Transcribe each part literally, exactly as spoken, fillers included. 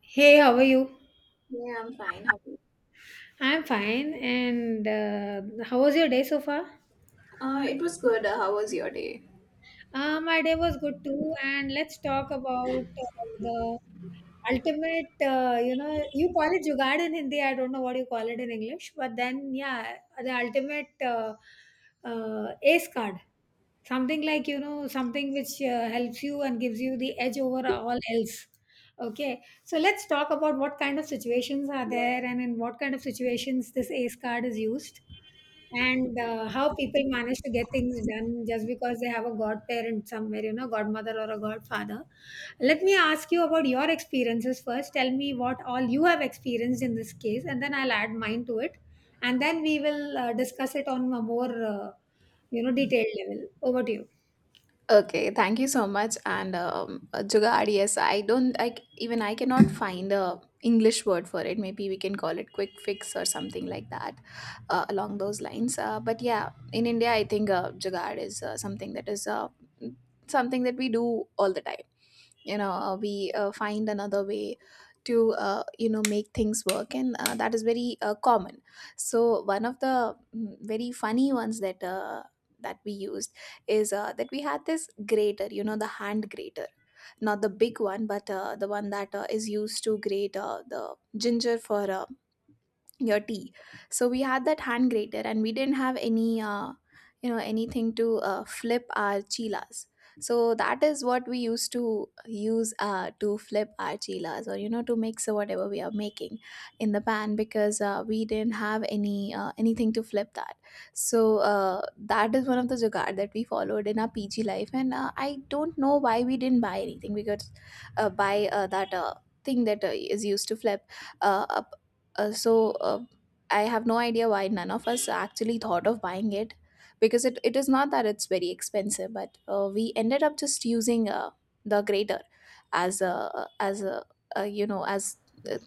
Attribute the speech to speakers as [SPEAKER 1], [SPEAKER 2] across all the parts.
[SPEAKER 1] Hey, how are you?
[SPEAKER 2] Yeah, I'm fine. How
[SPEAKER 1] I'm fine. And uh, how was your day so far?
[SPEAKER 2] Uh, it was good. Uh, how was your day?
[SPEAKER 1] Uh, my day was good too, and let's talk about uh, the ultimate. Uh, you know, you call it jugaad in Hindi. I don't know what you call it in English, but then yeah, the ultimate uh, uh, ace card, something like you know something which uh, helps you and gives you the edge over all else. Okay, so let's talk about what kind of situations are there and in what kind of situations this ace card is used and uh, how people manage to get things done just because they have a godparent somewhere, you know, godmother or a godfather. Let me ask you about your experiences first. Tell me what all you have experienced in this case, and then I'll add mine to it. And then we will uh, discuss it on a more, uh, you know, detailed level. Over to you.
[SPEAKER 2] Okay, thank you so much. And um, uh, Jugaad, yes, I don't like even I cannot find a English word for it. Maybe we can call it quick fix or something like that, uh, along those lines. Uh, but yeah, in India, I think uh, Jugaad is uh, something that is uh, something that we do all the time. You know uh, we uh, find another way to uh, you know make things work, and uh, that is very uh, common. So one of the mm, very funny ones that uh, that we used is uh, that we had this grater, you know, the hand grater, not the big one, but uh, the one that uh, is used to grate uh, the ginger for uh, your tea. So we had that hand grater and we didn't have any uh, you know anything to uh, flip our chilas. So that is what we used to use uh, to flip our chilas, or, you know, to mix whatever we are making in the pan, because uh, we didn't have any uh, anything to flip that. So uh, that is one of the jugaad that we followed in our PG life. And uh, I don't know why we didn't buy anything, because uh, buy uh, that uh, thing that uh, is used to flip. Uh, a uh, so uh, I have no idea why none of us actually thought of buying it, because it, it is not that it's very expensive, but uh, we ended up just using uh, the grater as a as a, a you know as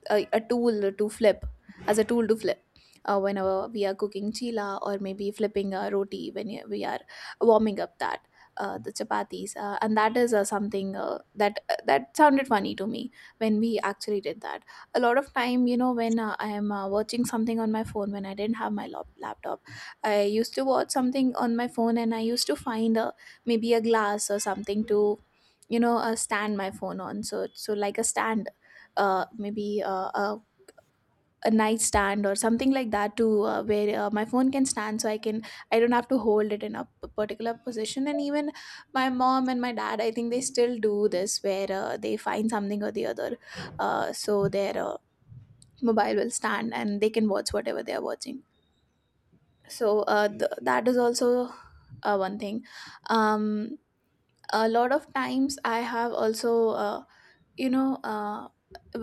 [SPEAKER 2] a, a tool to flip as a tool to flip uh, whenever we are cooking chila, or maybe flipping a roti when you- we are warming up that uh, the chapatis, uh, and that is uh, something, uh, that that sounded funny to me when we actually did that. A lot of time, you know, when uh, I am uh, watching something on my phone when I didn't have my lap- laptop, I used to watch something on my phone, and I used to find a, maybe a glass or something to, you know uh, stand my phone on, so so like a stand, uh, maybe uh, a, a nightstand or something like that, to uh, where uh, my phone can stand, so i can i don't have to hold it in a p- particular position. And even my mom and my dad, I think they still do this, where uh, they find something or the other. Uh, so their mobile will stand, and they can watch whatever they are watching. So uh, th- that is also uh, one thing. um, a lot of times, I have also, uh, you know uh,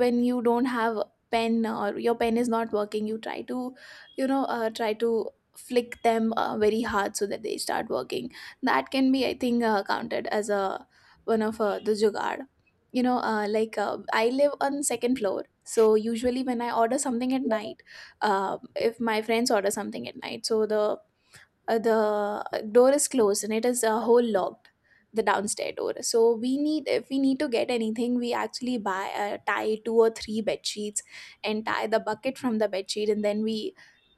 [SPEAKER 2] when you don't have pen or your pen is not working, you try to, you know uh, try to flick them uh, very hard so that they start working. That can be, I think, uh, counted as a one of uh, the jugaad. You know uh, like uh, I live on second floor, so usually when I order something at night, uh, if my friends order something at night, so the uh, the uh, door is closed and it is a uh, whole locked, the downstairs door. So we need, if we need to get anything, we actually buy uh, tie two or three bed sheets and tie the bucket from the bed sheet, and then we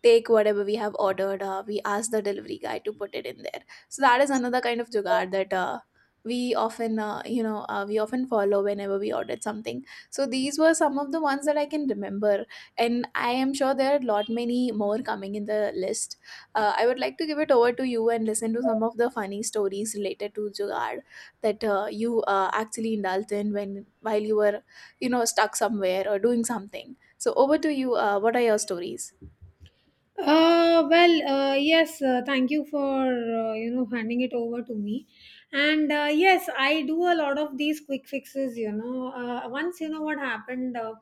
[SPEAKER 2] take whatever we have ordered. Uh, we ask the delivery guy to put it in there. So that is another kind of jugaad that uh, we often uh, you know uh, we often follow whenever we ordered something. So these were some of the ones that I can remember, and I am sure there are a lot many more coming in the list. uh, I would like to give it over to you and listen to some of the funny stories related to Jugaad that uh, you uh, actually indulged in when while you were, you know, stuck somewhere or doing something. So over to you. Uh, what are your stories?
[SPEAKER 1] Uh, well, uh, yes, uh, thank you for, uh, you know, handing it over to me. And uh, yes, I do a lot of these quick fixes, you know. Uh, once, you know, what happened. Uh,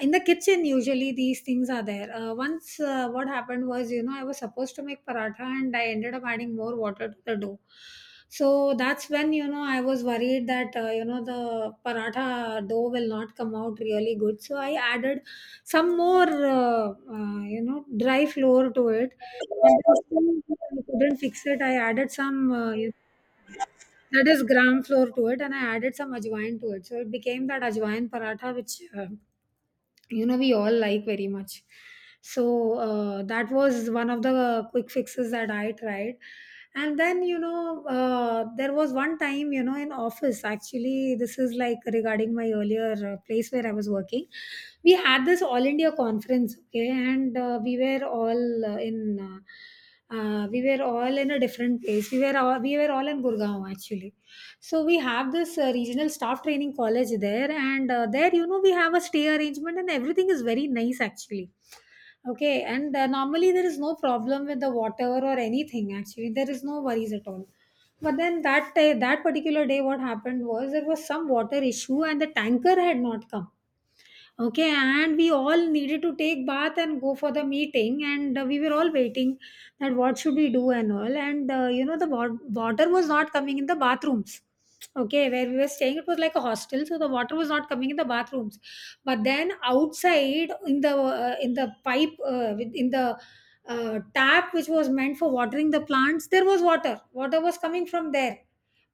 [SPEAKER 1] In the kitchen usually these things are there, uh, once uh, what happened was, you know, I was supposed to make paratha and I ended up adding more water to the dough. So that's when, you know, I was worried that uh, you know, the paratha dough will not come out really good, so I added some more, uh, uh, you know, dry flour to it. And then still I couldn't fix it. I added some, uh, you know, that is gram flour to it, and I added some ajwain to it, so it became that ajwain paratha which, uh, you know, we all like very much. So uh, that was one of the quick fixes that I tried. And then, you know, uh, there was one time, you know, in office, actually this is like regarding my earlier uh, place where I was working. We had this all India conference, okay, and uh, we were all uh, in uh, uh, we were all in a different place. We were all, we were all in Gurgaon actually. So we have this uh, regional staff training college there, and uh, there, you know, we have a stay arrangement, and everything is very nice actually. Okay, and uh, normally there is no problem with the water or anything. Actually, there is no worries at all. But then that day, that particular day, what happened was there was some water issue, and the tanker had not come. Okay, and we all needed to take bath and go for the meeting, and uh, we were all waiting that what should we do and all. And uh, you know, the wa- water was not coming in the bathrooms. Okay, where we were staying, it was like a hostel, so the water was not coming in the bathrooms. But then outside in the uh, in the pipe, uh, with- in the uh, tap which was meant for watering the plants, there was water. Water was coming from there,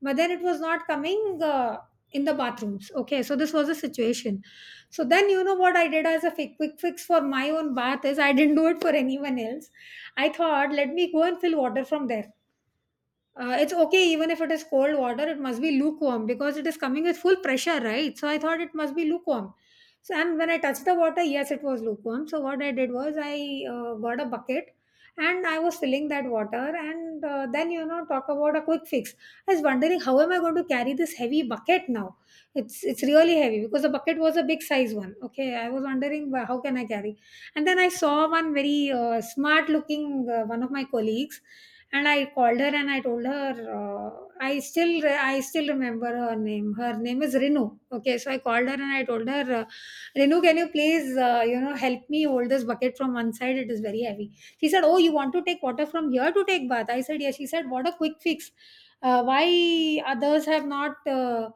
[SPEAKER 1] but then it was not coming uh, in the bathrooms. Okay, so this was the situation. So then, you know, what I did as a fi- quick fix for my own bath, is I didn't do it for anyone else. I thought, let me go and fill water from there. Uh, it's okay, even if it is cold water, it must be lukewarm because it is coming with full pressure, right? So I thought it must be lukewarm. So, and when I touched the water, yes, it was lukewarm. So, what I did was I uh, got a bucket and I was filling that water. And uh, then, you know, talk about a quick fix. I was wondering how am I going to carry this heavy bucket now? It's it's really heavy because the bucket was a big size one. Okay, I was wondering, "Well, how can I carry?" And then I saw one very uh, smart looking uh, one of my colleagues, and I called her and I told her, uh, I still re- I still remember her name. Her name is Renu. Okay, so I called her and I told her, uh, Renu, can you please, uh, you know, help me hold this bucket from one side? It is very heavy. She said, "Oh, you want to take water from here to take bath?" I said, "Yeah." She said, "What a quick fix. Uh, why others have not uh,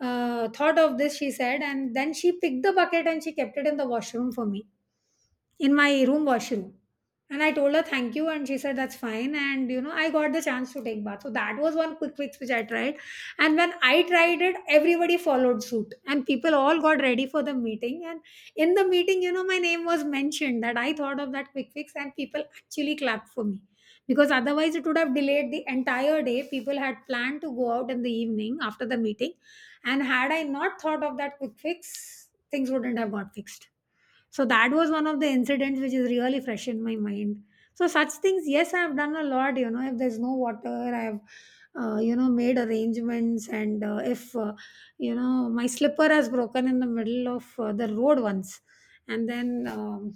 [SPEAKER 1] uh, thought of this?" She said, and then she picked the bucket and she kept it in the washroom for me, in my room washroom. And I told her thank you, and she said that's fine. And you know, I got the chance to take bath. So that was one quick fix which I tried. And when I tried it, everybody followed suit, and people all got ready for the meeting. And in the meeting, you know, my name was mentioned that I thought of that quick fix, and people actually clapped for me, because otherwise it would have delayed the entire day. People had planned to go out in the evening after the meeting, and had I not thought of that quick fix, things wouldn't have got fixed. So that was one of the incidents which is really fresh in my mind. So such things, yes, I have done a lot. You know, if there's no water, I have, uh, you know, made arrangements, and uh, if uh, you know, my slipper has broken in the middle of uh, the road once, and then um,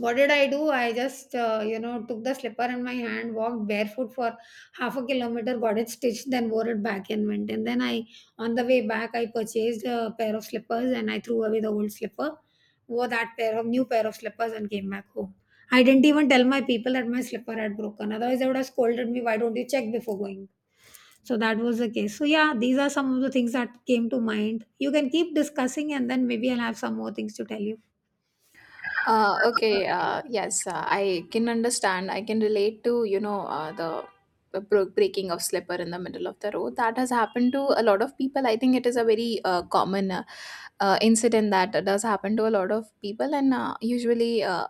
[SPEAKER 1] what did I do? I just, uh, you know, took the slipper in my hand, walked barefoot for half a kilometer, got it stitched, then wore it back and went. And then I, on the way back, I purchased a pair of slippers and I threw away the old slipper, wore that pair of new pair of slippers and came back home. I didn't even tell my people that my slipper had broken. Otherwise, they would have scolded me. Why don't you check before going? So that was the case. So yeah, these are some of the things that came to mind. You can keep discussing, and then maybe I'll have some more things to tell you.
[SPEAKER 2] Uh, okay, uh, yes, uh, I can understand. I can relate to, you know, uh, the the bro- breaking of slipper in the middle of the road. That has happened to a lot of people. I think it is a very uh, common uh, uh, incident that does happen to a lot of people, and uh, usually uh,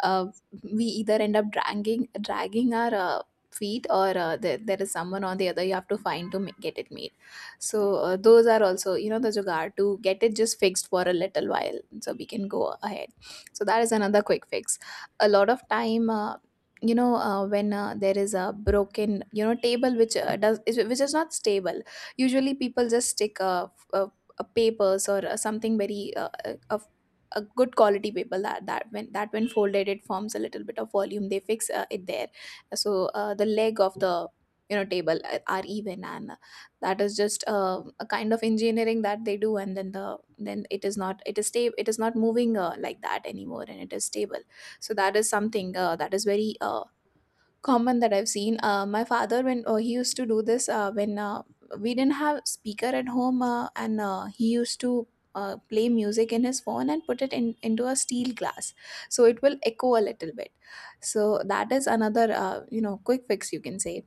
[SPEAKER 2] uh, we either end up dragging dragging our uh, feet, or uh, there, there is someone or the other you have to find to ma- get it made. So uh, those are also, you know, the jugaad to get it just fixed for a little while so we can go ahead, so that is another quick fix. A lot of time, uh, you know uh, when uh, there is a broken, you know, table which uh, does is, which is not stable, usually people just stick a, a, a papers, or uh, something very uh, uh, of a good quality paper, that that when that when folded it forms a little bit of volume, they fix uh, it there. So uh, the leg of the, you know, table uh, are even, and that is just uh, a kind of engineering that they do, and then the then it is not it is stable, it is not moving uh, like that anymore, and it is stable. So that is something uh, that is very uh, common that I've seen. Uh, my father, when uh, he used to do this, uh, when uh, we didn't have speaker at home, uh, and uh, he used to uh, play music in his phone and put it in into a steel glass, so it will echo a little bit. So that is another, uh, you know quick fix, you can say,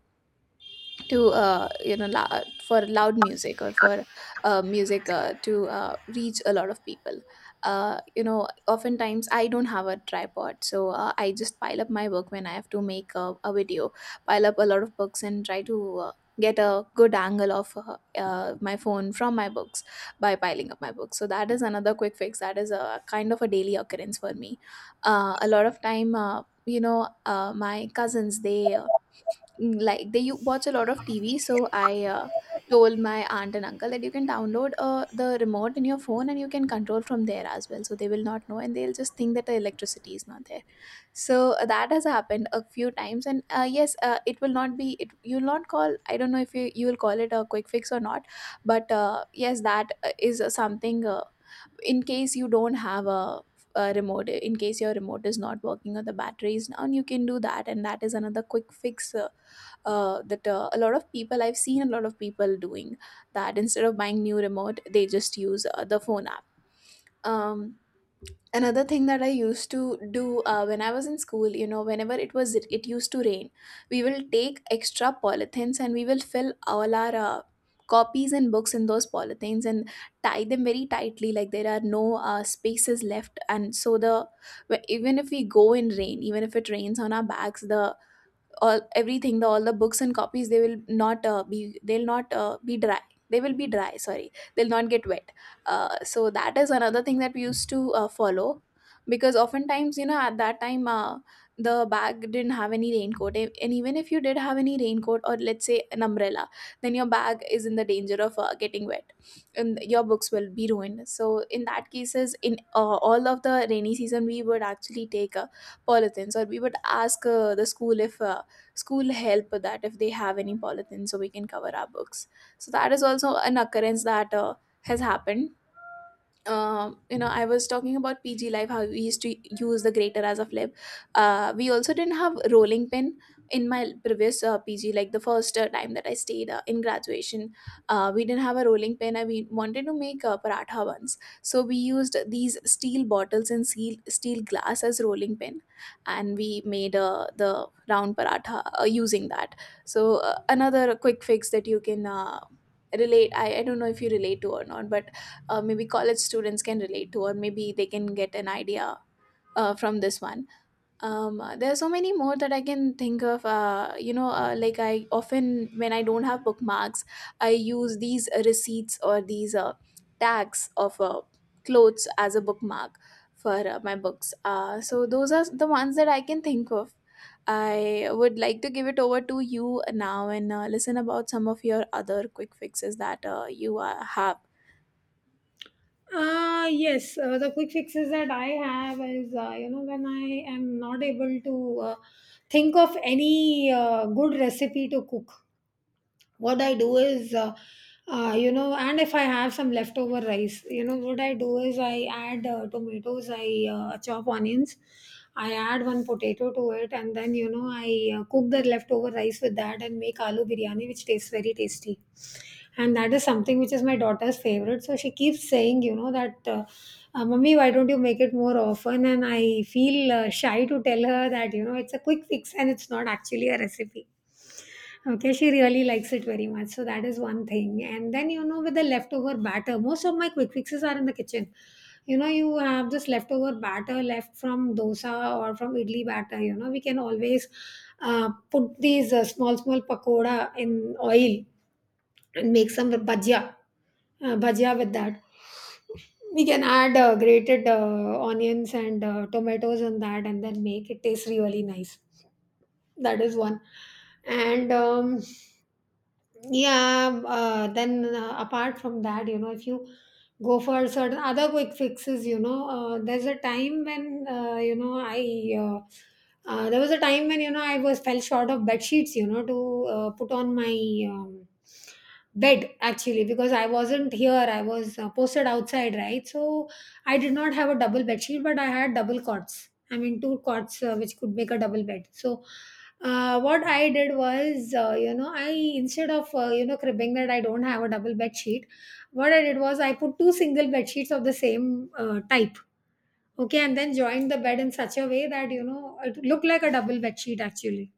[SPEAKER 2] to, uh, you know lou- for loud music, or for uh, music uh, to uh, reach a lot of people. uh, you know oftentimes I don't have a tripod, so uh, I just pile up my work when I have to make a, a video. Pile up a lot of books and try to uh, get a good angle of uh, uh, my phone from my books, by piling up my books. So that is another quick fix that is a kind of a daily occurrence for me. Uh, a lot of time, uh, you know uh, my cousins, they uh, like they you watch a lot of T V, so I uh, told my aunt and uncle that you can download uh, the remote in your phone, and you can control from there as well. So they will not know, and they'll just think that the electricity is not there. So uh, that has happened a few times, and uh, yes, uh, it will not be. It you'll not call. I don't know if you you will call it a quick fix or not, but uh, yes, that uh, is uh, something. Uh, in case you don't have a, a remote, in case your remote is not working or the battery is down, you can do that, and that is another quick fix. Uh, uh, that uh, A lot of people, I've seen a lot of people doing that instead of buying new remote. They just use uh, the phone app. um, Another thing that I used to do, uh, when I was in school, you know, whenever it was, it used to rain, we will take extra polythenes, and we will fill all our uh, copies and books in those polythenes, and tie them very tightly, like there are no uh, spaces left. And so the wh- even if we go in rain, even if it rains on our backs, the all everything the all the books and copies, they will not uh, be, they'll not uh, be dry, they will be dry, sorry, they'll not get wet. Uh, so that is another thing that we used to uh, follow, because oftentimes, you know, at that time, uh, the bag didn't have any raincoat. A- and even if you did have any raincoat, or let's say an umbrella, then your bag is in the danger of uh, getting wet, and your books will be ruined. So in that cases, in uh, all of the rainy season, we would actually take uh, polythins, or we would ask uh, the school, if uh, school help, that if they have any polythene, so we can cover our books. So that is also an occurrence that uh, has happened. Um, you know, I was talking about P G Live, how we used to use the grater as a flip. Uh, we also didn't have rolling pin in my previous uh, P G, like the first uh, time that I stayed uh, in graduation. Uh, we didn't have a rolling pin and we wanted to make uh, paratha ones. So we used these steel bottles and steel, steel glass as rolling pin. And we made uh, the round paratha uh, using that. So uh, another quick fix that you can uh, relate, I, I don't know if you relate to or not, but uh, maybe college students can relate to, or maybe they can get an idea uh, from this one. Um, there are so many more that I can think of. Uh, you know, uh, like I often, when I don't have bookmarks, I use these receipts or these uh, tags of uh, clothes as a bookmark for uh, my books. Uh, so those are the ones that I can think of. I would like to give it over to you now and uh, listen about some of your other quick fixes that uh, you uh, have.
[SPEAKER 1] Uh, yes, uh, the quick fixes that I have is, uh, you know, when I am not able to uh, think of any uh, good recipe to cook, what I do is, uh, uh, you know, and if I have some leftover rice, you know what I do is I add uh, tomatoes, I uh, chop onions, I add one potato to it, and then you know I uh, cook the leftover rice with that and make aloo biryani, which tastes very tasty. And that is something which is my daughter's favorite, so she keeps saying, you know, that uh, uh, mummy, why don't you make it more often? And I feel uh, shy to tell her that, you know, it's a quick fix and it's not actually a recipe. Okay, she really likes it very much. So that is one thing. And then, you know, with the leftover batter, most of my quick fixes are in the kitchen. You know, you have this leftover batter left from dosa or from idli batter. You know, we can always uh, put these, uh, small, small pakoda in oil and make some bhajia, uh, bhajia with that. We can add uh, grated uh, onions and uh, tomatoes on that and then make it taste really nice. That is one. And um, yeah um, uh, then uh, apart from that, you know, if you go for certain other quick fixes, you know, uh, there's a time when uh, you know I uh, uh, there was a time when, you know, I was fell short of bed sheets, you know, to uh, put on my um, bed actually, because I wasn't here, I was uh, posted outside, right? So I did not have a double bed sheet, but I had double cots, I mean two cots, uh, which could make a double bed. So uh, what I did was, uh, you know, I instead of uh, you know, cribbing that I don't have a double bed sheet, what I did was I put two single bed sheets of the same uh, type, okay, and then joined the bed in such a way that, you know, it looked like a double bed sheet actually,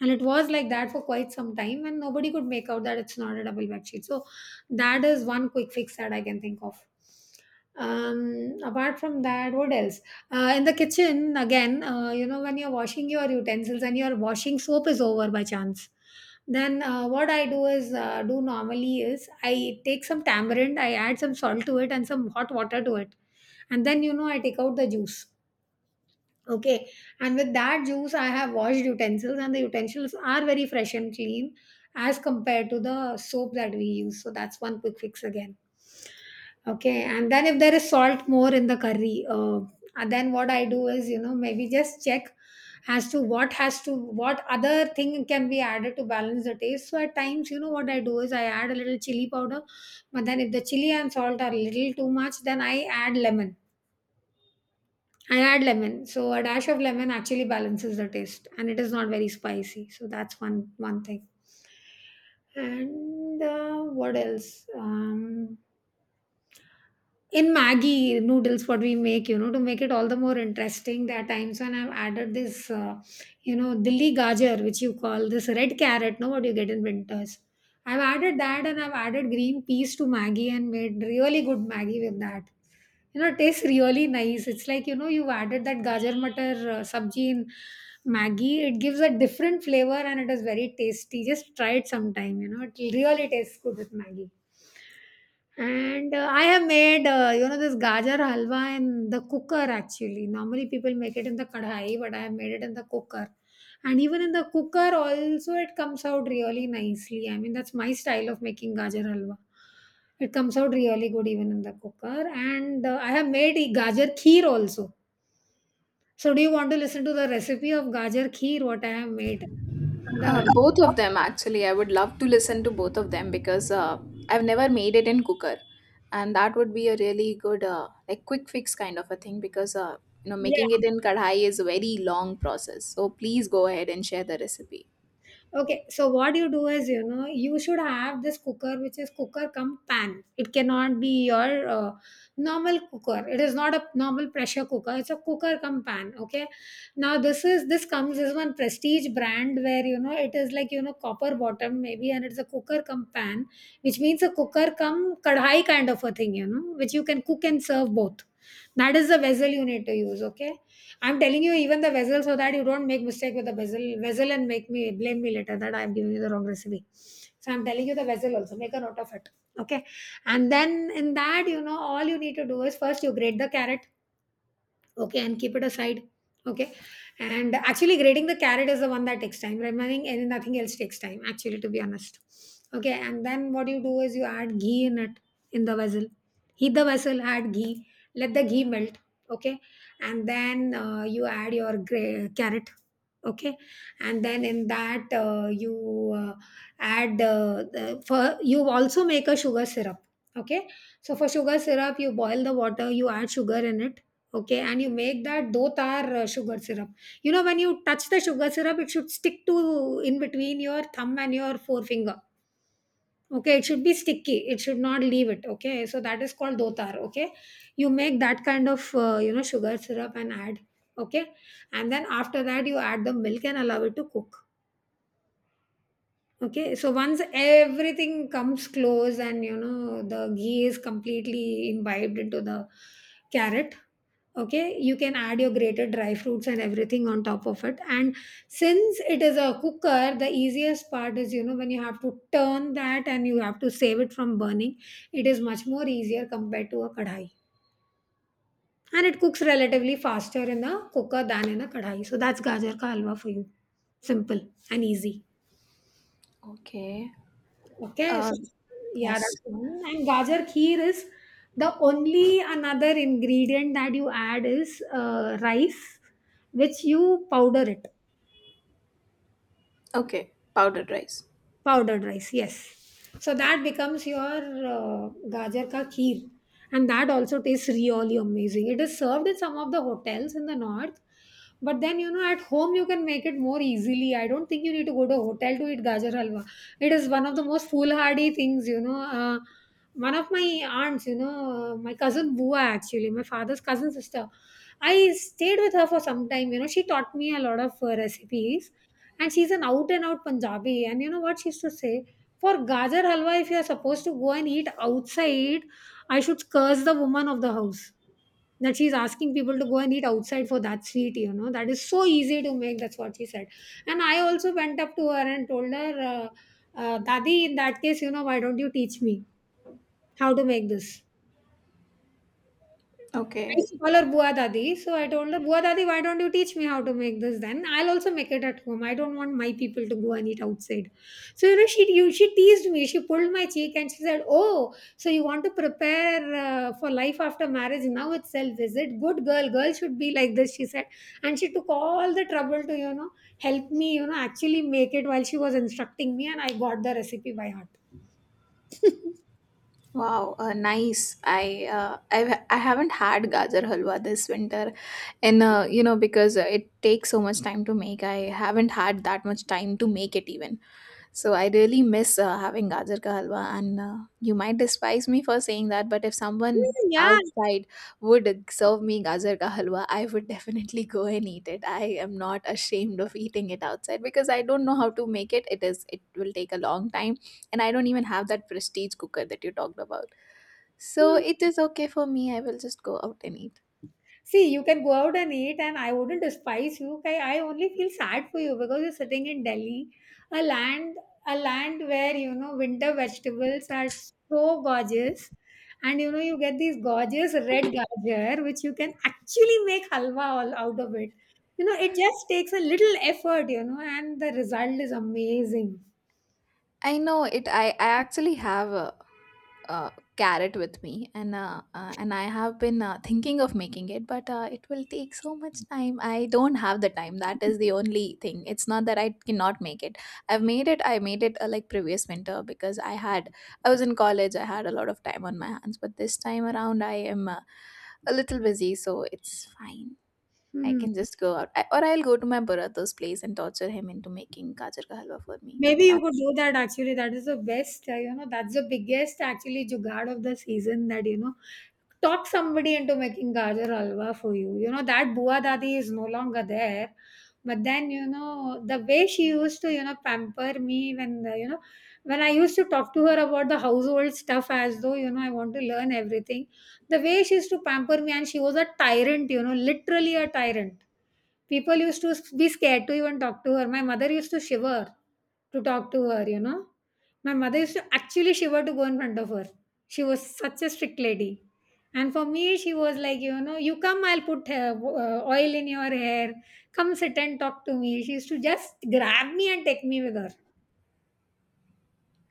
[SPEAKER 1] and it was like that for quite some time, and nobody could make out that it's not a double bed sheet. So that is one quick fix that I can think of. Um, apart from that, what else? Uh, in the kitchen, again, uh, you know, when you're washing your utensils and your washing soap is over by chance, then uh, what I do is uh, do normally is I take some tamarind, I add some salt to it and some hot water to it, and then you know I take out the juice. Okay, and with that juice, I have washed utensils, and the utensils are very fresh and clean as compared to the soap that we use. So that's one quick fix again. Okay, and then if there is salt more in the curry, uh, and then what I do is, you know, maybe just check as to what has to what other thing can be added to balance the taste. So at times, you know, what I do is I add a little chili powder, but then if the chili and salt are a little too much, then I add lemon. I add lemon, so a dash of lemon actually balances the taste, and it is not very spicy. So that's one one thing. And uh, what else? Um, in maggi noodles what we make, you know, to make it all the more interesting, there are times when I've added this uh, you know dilli gajar, which you call this red carrot, no, what you get in winters. I've added that and I've added green peas to maggi and made really good maggi with that. You know, it tastes really nice. It's like, you know, you've added that gajar matar uh, sabji in maggi. It gives a different flavor and it is very tasty. Just try it sometime, you know, it really tastes good with maggi. And uh, I have made, uh, you know, this gajar halwa in the cooker actually. Normally people make it in the kadhai, but I have made it in the cooker. And even in the cooker also it comes out really nicely. I mean, that's my style of making gajar halwa. It comes out really good even in the cooker. And uh, I have made a gajar kheer also. So do you want to listen to the recipe of gajar kheer, what I have made?
[SPEAKER 2] Uh, both of them, actually. I would love to listen to both of them because uh, I've never made it in cooker, and that would be a really good, uh, like quick fix kind of a thing because uh, you know making
[SPEAKER 1] Yeah.
[SPEAKER 2] it in kadhai is a very long process. So please go ahead and share the recipe.
[SPEAKER 1] Okay, so what you do is, you know, you should have this cooker which is cooker cum pan. It cannot be your uh, normal cooker. It is not a normal pressure cooker. It's a cooker cum pan. Okay, now this is this comes is one prestige brand where you know it is like you know copper bottom maybe, and it's a cooker cum pan, which means a cooker cum kadhai kind of a thing, you know, which you can cook and serve both. That is the vessel you need to use. Okay, I'm telling you even the vessel so that you don't make mistake with the vessel vessel and make me blame me later that I'm giving you the wrong recipe. So I'm telling you the vessel also. Make a note of it. Okay. And then in that, you know, all you need to do is first you grate the carrot. Okay, and keep it aside. Okay. And actually grading the carrot is the one that takes time. Remaining and nothing else takes time, actually, to be honest. Okay, and then what you do is you add ghee in it, in the vessel. Heat the vessel, add ghee, let the ghee melt. Okay, and then uh, you add your gra- carrot. Okay, and then in that uh, you uh, add uh, the, for you also make a sugar syrup. Okay, so for sugar syrup, you boil the water, you add sugar in it. Okay, and you make that do tar uh, sugar syrup. You know, when you touch the sugar syrup, it should stick to in between your thumb and your forefinger. Okay, it should be sticky. It should not leave it. Okay, so that is called dotar. Okay, you make that kind of uh, you know sugar syrup and add. Okay, and then after that you add the milk and allow it to cook. Okay, so once everything comes close and you know the ghee is completely imbibed into the carrot, okay, you can add your grated dry fruits and everything on top of it. And since it is a cooker, the easiest part is, you know, when you have to turn that and you have to save it from burning, it is much more easier compared to a kadhai. And it cooks relatively faster in a cooker than in a kadhai. So that's gajar ka halwa for you, simple and easy.
[SPEAKER 2] Okay.
[SPEAKER 1] Okay,
[SPEAKER 2] Uh,
[SPEAKER 1] so yeah,
[SPEAKER 2] yes.
[SPEAKER 1] that's one. And gajar kheer is, the only another ingredient that you add is uh, rice, which you powder it.
[SPEAKER 2] Okay. Powdered rice.
[SPEAKER 1] Powdered rice, yes. So that becomes your uh, gajar ka kheer, and that also tastes really amazing. It is served in some of the hotels in the north, but then you know at home you can make it more easily. I don't think you need to go to a hotel to eat gajar halwa. It is one of the most foolhardy things, you know. Uh, one of my aunts, you know, uh, my cousin bua, actually my father's cousin sister, I stayed with her for some time. You know, she taught me a lot of uh, recipes, and she's an out and out Punjabi. And you know what she used to say? For Gajar Halwa, if you're supposed to go and eat outside, I should curse the woman of the house that she's asking people to go and eat outside for that sweet, you know. That is so easy to make. That's what she said. And I also went up to her and told her, uh, uh, Dadi, in that case, you know, why don't you teach me how to make this? I
[SPEAKER 2] Okay.
[SPEAKER 1] used to call her Bua Dadi. So I told her, Bua Dadi, why don't you teach me how to make this then? I'll also make it at home. I don't want my people to go and eat outside. So, you know, she you, she teased me. She pulled my cheek and she said, Oh, so you want to prepare uh, for life after marriage now itself, is it? Good girl. Girl should be like this, she said. And she took all the trouble to, you know, help me, you know, actually make it while she was instructing me. And I got the recipe by heart.
[SPEAKER 2] Wow, uh, nice. I uh, I've, I haven't had gajar halwa this winter, and uh, you know because uh, it takes so much time to make. I haven't had that much time to make it even. So I really miss uh, having gajar ka halwa. And uh, you might despise me for saying that, but if someone
[SPEAKER 1] Mm, yeah.
[SPEAKER 2] outside would serve me gajar ka halwa, I would definitely go and eat it. I am not ashamed of eating it outside because I don't know how to make it. It is It will take a long time, and I don't even have that prestige cooker that you talked about. So it is okay for me. I will just go out and eat.
[SPEAKER 1] See, you can go out and eat, and I wouldn't despise you. I, I only feel sad for you because you're sitting in Delhi, a land, a land where you know winter vegetables are so gorgeous, and you know you get these gorgeous red gajar, which you can actually make halwa all out of it. You know, it just takes a little effort, you know, and the result is amazing.
[SPEAKER 2] I know it. I, I actually have a, a carrot with me, and uh, uh, and I have been uh, thinking of making it, but uh, it will take so much time. I don't have the time. That is the only thing. It's not that I cannot make it. I've made it. I made it uh, like previous winter because I had I was in college. I had a lot of time on my hands, but this time around I am uh, a little busy, so it's fine. I
[SPEAKER 1] Hmm.
[SPEAKER 2] can just go out, I, or I'll go to my Bharata's place and torture him into making gajar ka halwa for me.
[SPEAKER 1] Maybe you
[SPEAKER 2] That
[SPEAKER 1] could do that actually. That is the best, uh, you know, that's the biggest actually jugaad of the season that, you know, talk somebody into making gajar halwa for you. You know, that Bua Dadi is no longer there. But then, you know, the way she used to, you know, pamper me when, the, you know, when I used to talk to her about the household stuff as though, you know, I want to learn everything, the way she used to pamper me, and she was a tyrant, you know, literally a tyrant. People used to be scared to even talk to her. My mother used to shiver to talk to her, you know. My mother used to actually shiver to go in front of her. She was such a strict lady. And for me, she was like, you know, you come, I'll put uh, w- uh, oil in your hair. Come sit and talk to me. She used to just grab me and take me with her.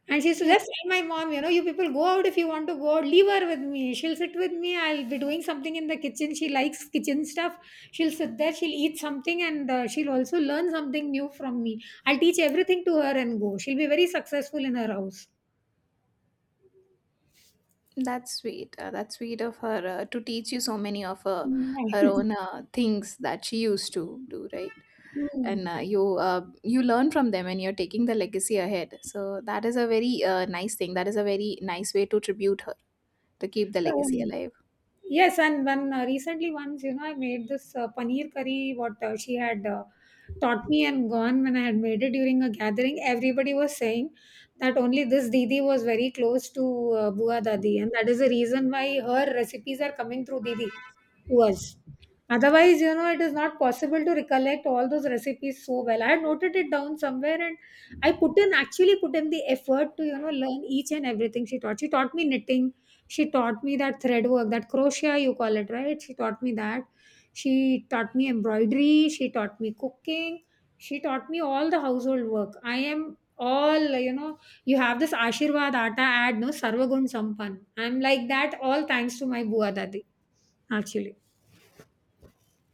[SPEAKER 1] And she used to
[SPEAKER 2] yeah,
[SPEAKER 1] just tell my mom, you know, you people go out if you want to go out, leave her with me. She'll sit with me. I'll be doing something in the kitchen. She likes kitchen stuff. She'll sit there, she'll eat something, and uh, she'll also learn something new from me. I'll teach everything to her and go. She'll be very successful in her house.
[SPEAKER 2] that's sweet. Uh, that's sweet of her uh, to teach you so many of her
[SPEAKER 1] Mm.
[SPEAKER 2] her own uh, things that she used to do, right? And
[SPEAKER 1] Mm.
[SPEAKER 2] uh, you uh, you learn from them, and you're taking the legacy ahead. So that is a very uh, nice thing. That is a very nice way to tribute her to keep the legacy
[SPEAKER 1] Um,
[SPEAKER 2] alive.
[SPEAKER 1] yes, and when uh, recently once, you know, I made this uh, paneer curry, what uh, she had Uh, taught me and gone. When I had made it during a gathering, everybody was saying that only this Didi was very close to uh, Bua Dadi, and that is the reason why her recipes are coming through Didi was. Otherwise, you know, it is not possible to recollect all those recipes so well. I had noted it down somewhere, and I put in actually put in the effort to, you know, learn each and everything she taught. She taught me knitting, she taught me that thread work, that crochet you call it, right? She taught me that. She taught me embroidery, she taught me cooking, she taught me all the household work. I am all, you know, you have this Ashirvad Atta ad, no Sarvagun Sampan. I'm like that all thanks to my Bua Dadi, actually.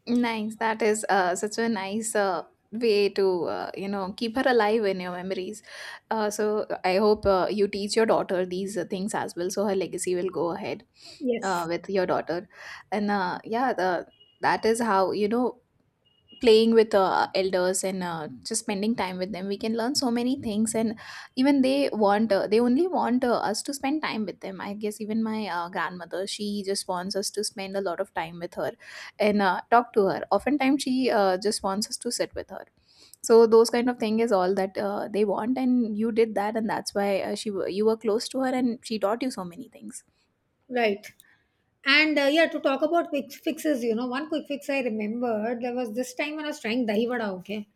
[SPEAKER 2] Nice. That is uh, such a nice uh, way to uh, you know keep her alive in your memories. Uh, so I hope uh, you teach your daughter these uh, things as well, so her legacy will go ahead uh,
[SPEAKER 1] Yes,
[SPEAKER 2] with your daughter. And uh, yeah, the, that is how you know playing with uh, elders and uh, just spending time with them we can learn so many things and even they want uh, they only want uh, us to spend time with them, I guess. Even my uh, grandmother, she just wants us to spend a lot of time with her and uh, talk to her. Oftentimes she uh, just wants us to sit with her. So those kind of thing is all that uh, they want, and you did that, and that's why uh, she w- you were close to her and she taught you so many things.
[SPEAKER 1] right. And uh, yeah, to talk about quick fixes, you know, one quick fix I remembered, there was this time when I was trying dahi vada, okay,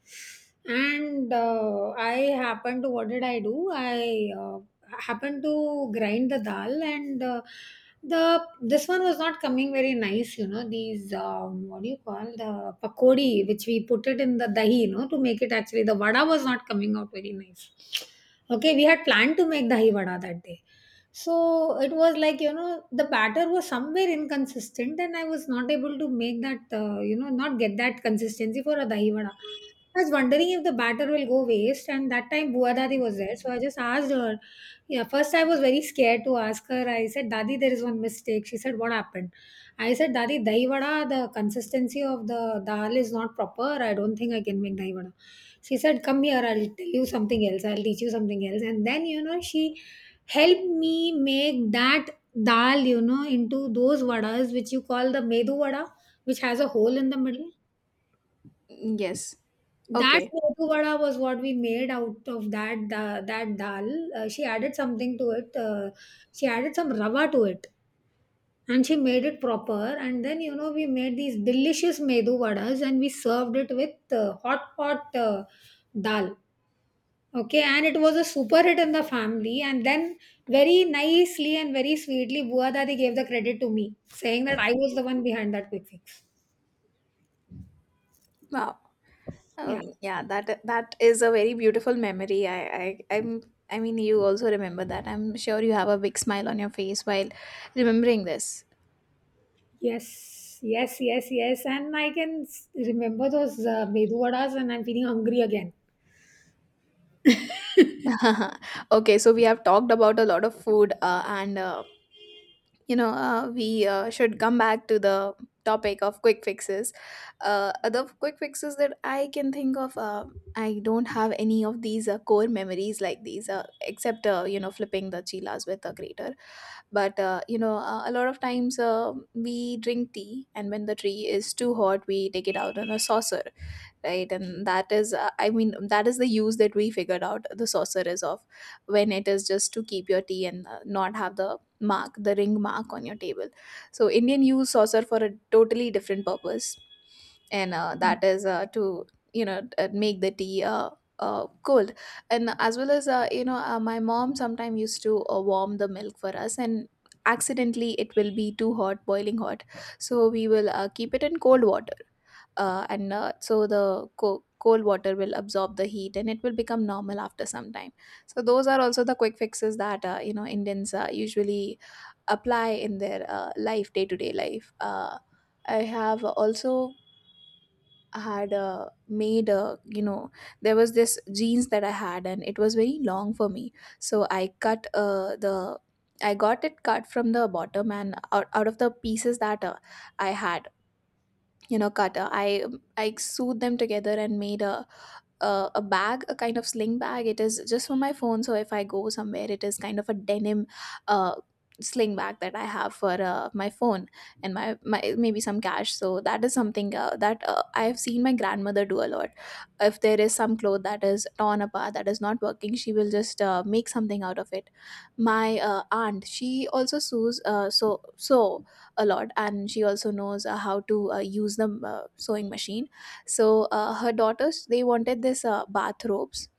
[SPEAKER 1] and uh, I happened to, what did I do? I uh, happened to grind the dal, and uh, the this one was not coming very nice, you know. These um, what do you call the pakodi, which we put it in the dahi, you know, to make it, actually the vada was not coming out very nice. Okay, we had planned to make dahi vada that day, so it was like you know the batter was somewhere inconsistent, and I was not able to make that, uh, you know not get that consistency for a dahi vada. I was wondering if the batter will go waste, and that time Bua Dadi was there, so I just asked her. Yeah, first I was very scared to ask her. I said, "Dadi, there is one mistake." She said, "What happened?" I said, "Dadi, dahi vada, the consistency of the dal is not proper. I don't think I can make dahi vada." She said, "Come here. I'll tell you something else. I'll teach you something else." And then you know she helped me make that dal, you know, into those vadas which you call the medu vada, which has a hole in the middle.
[SPEAKER 2] Yes.
[SPEAKER 1] That
[SPEAKER 2] Okay.
[SPEAKER 1] medu vada was what we made out of that da- that dal. Uh, she added something to it. Uh, she added some rava to it, and she made it proper. And then you know we made these delicious medu vadas, and we served it with uh, hot hot uh, dal. Okay, and it was a super hit in the family. And then very nicely and very sweetly, Buadadi gave the credit to me, saying that I was the one behind that quick fix.
[SPEAKER 2] Wow.
[SPEAKER 1] Yeah.
[SPEAKER 2] Um, yeah, that that is a very beautiful memory. I, I I'm, I mean you also remember that. I'm sure you have a big smile on your face while remembering this.
[SPEAKER 1] Yes, yes, yes, yes. And I can s- remember those uh, medu vadas, and I'm feeling hungry again.
[SPEAKER 2] Okay, so we have talked about a lot of food, uh, and uh, you know uh, we uh, should come back to the topic of quick fixes. Uh, other quick fixes that I can think of, uh, I don't have any of these uh, core memories like these, uh, except uh, you know flipping the chilas with a grater. But uh, you know uh, a lot of times uh, we drink tea, and when the tea is too hot we take it out on a saucer, right? And that is uh, I mean that is the use that we figured out the saucer is of, when it is just to keep your tea and uh, not have the mark, the ring mark on your table. So Indian use saucer for a totally different purpose, and uh, that is uh, to you know uh, make the tea uh, uh, cold. And as well as uh, you know uh, my mom sometimes used to uh, warm the milk for us, and accidentally it will be too hot, boiling hot. So we will uh, keep it in cold water, uh, and uh, so the co- cold water will absorb the heat and it will become normal after some time. So those are also the quick fixes that uh, you know Indians uh, usually apply in their uh, life, day to day life. uh, I have also had uh, made uh, you know, there was this jeans that I had and it was very long for me, so I cut uh, the I got it cut from the bottom, and out, out of the pieces that uh, I had, you know cutter, i I sewed them together and made a uh, a bag, a kind of sling bag. It is just for my phone. So if I go somewhere, it is kind of a denim uh, sling bag that I have for uh, my phone and my, my maybe some cash. So that is something uh, that uh, I have seen my grandmother do a lot. If there is some cloth that is torn apart, that is not working, she will just uh, make something out of it. My uh, aunt, she also sews uh, so so a lot, and she also knows uh, how to uh, use the uh, sewing machine. So uh, her daughters they wanted this uh, bathrobes.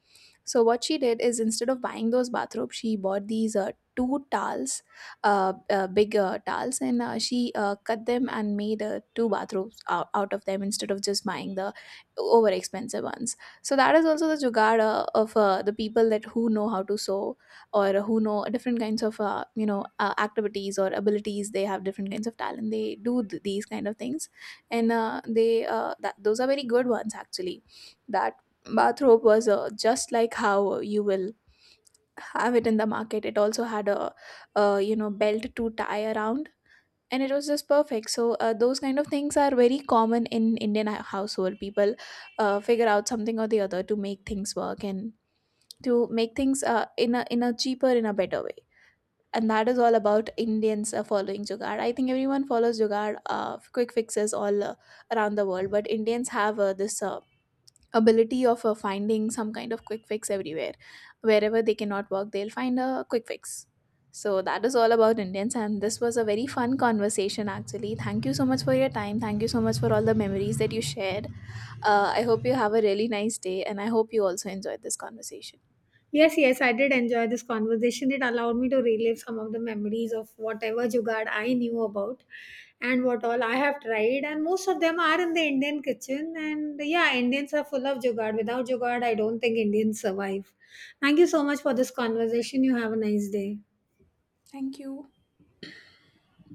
[SPEAKER 2] So what she did is instead of buying those bathrobes, she bought these uh, two towels, uh, uh, big uh, towels, and uh, she uh, cut them and made uh, two bathrobes out, out of them instead of just buying the over expensive ones. So that is also the jugaad uh, of uh, the people that who know how to sew or who know different kinds of uh, you know uh, activities or abilities. They have different kinds of talent. They do th- these kind of things, and uh, they uh, that those are very good ones actually. That bathrobe was uh, just like how you will have it in the market. It also had a, uh you know belt to tie around, and it was just perfect. So uh, those kind of things are very common in Indian hou- household. People uh, figure out something or the other to make things work and to make things uh, in a in a cheaper, in a better way. And that is all about Indians uh, following jugaad. I think everyone follows jugaad uh, quick fixes all uh, around the world, but Indians have uh, this uh, ability of uh, finding some kind of quick fix everywhere. Wherever they cannot work, they'll find a quick fix. So that is all about Indians, and this was a very fun conversation actually. Thank you so much for your time. Thank you so much for all the memories that you shared. Uh, I hope you have a really nice day, and I hope you also enjoyed this conversation.
[SPEAKER 1] Yes, yes, I did enjoy this conversation. It allowed me to relive some of the memories of whatever jugaad I knew about and what all I have tried. And most of them are in the Indian kitchen. And yeah, Indians are full of jugaad. Without jugaad, I don't think Indians survive. Thank you so much for this conversation. You have a nice day.
[SPEAKER 2] Thank you.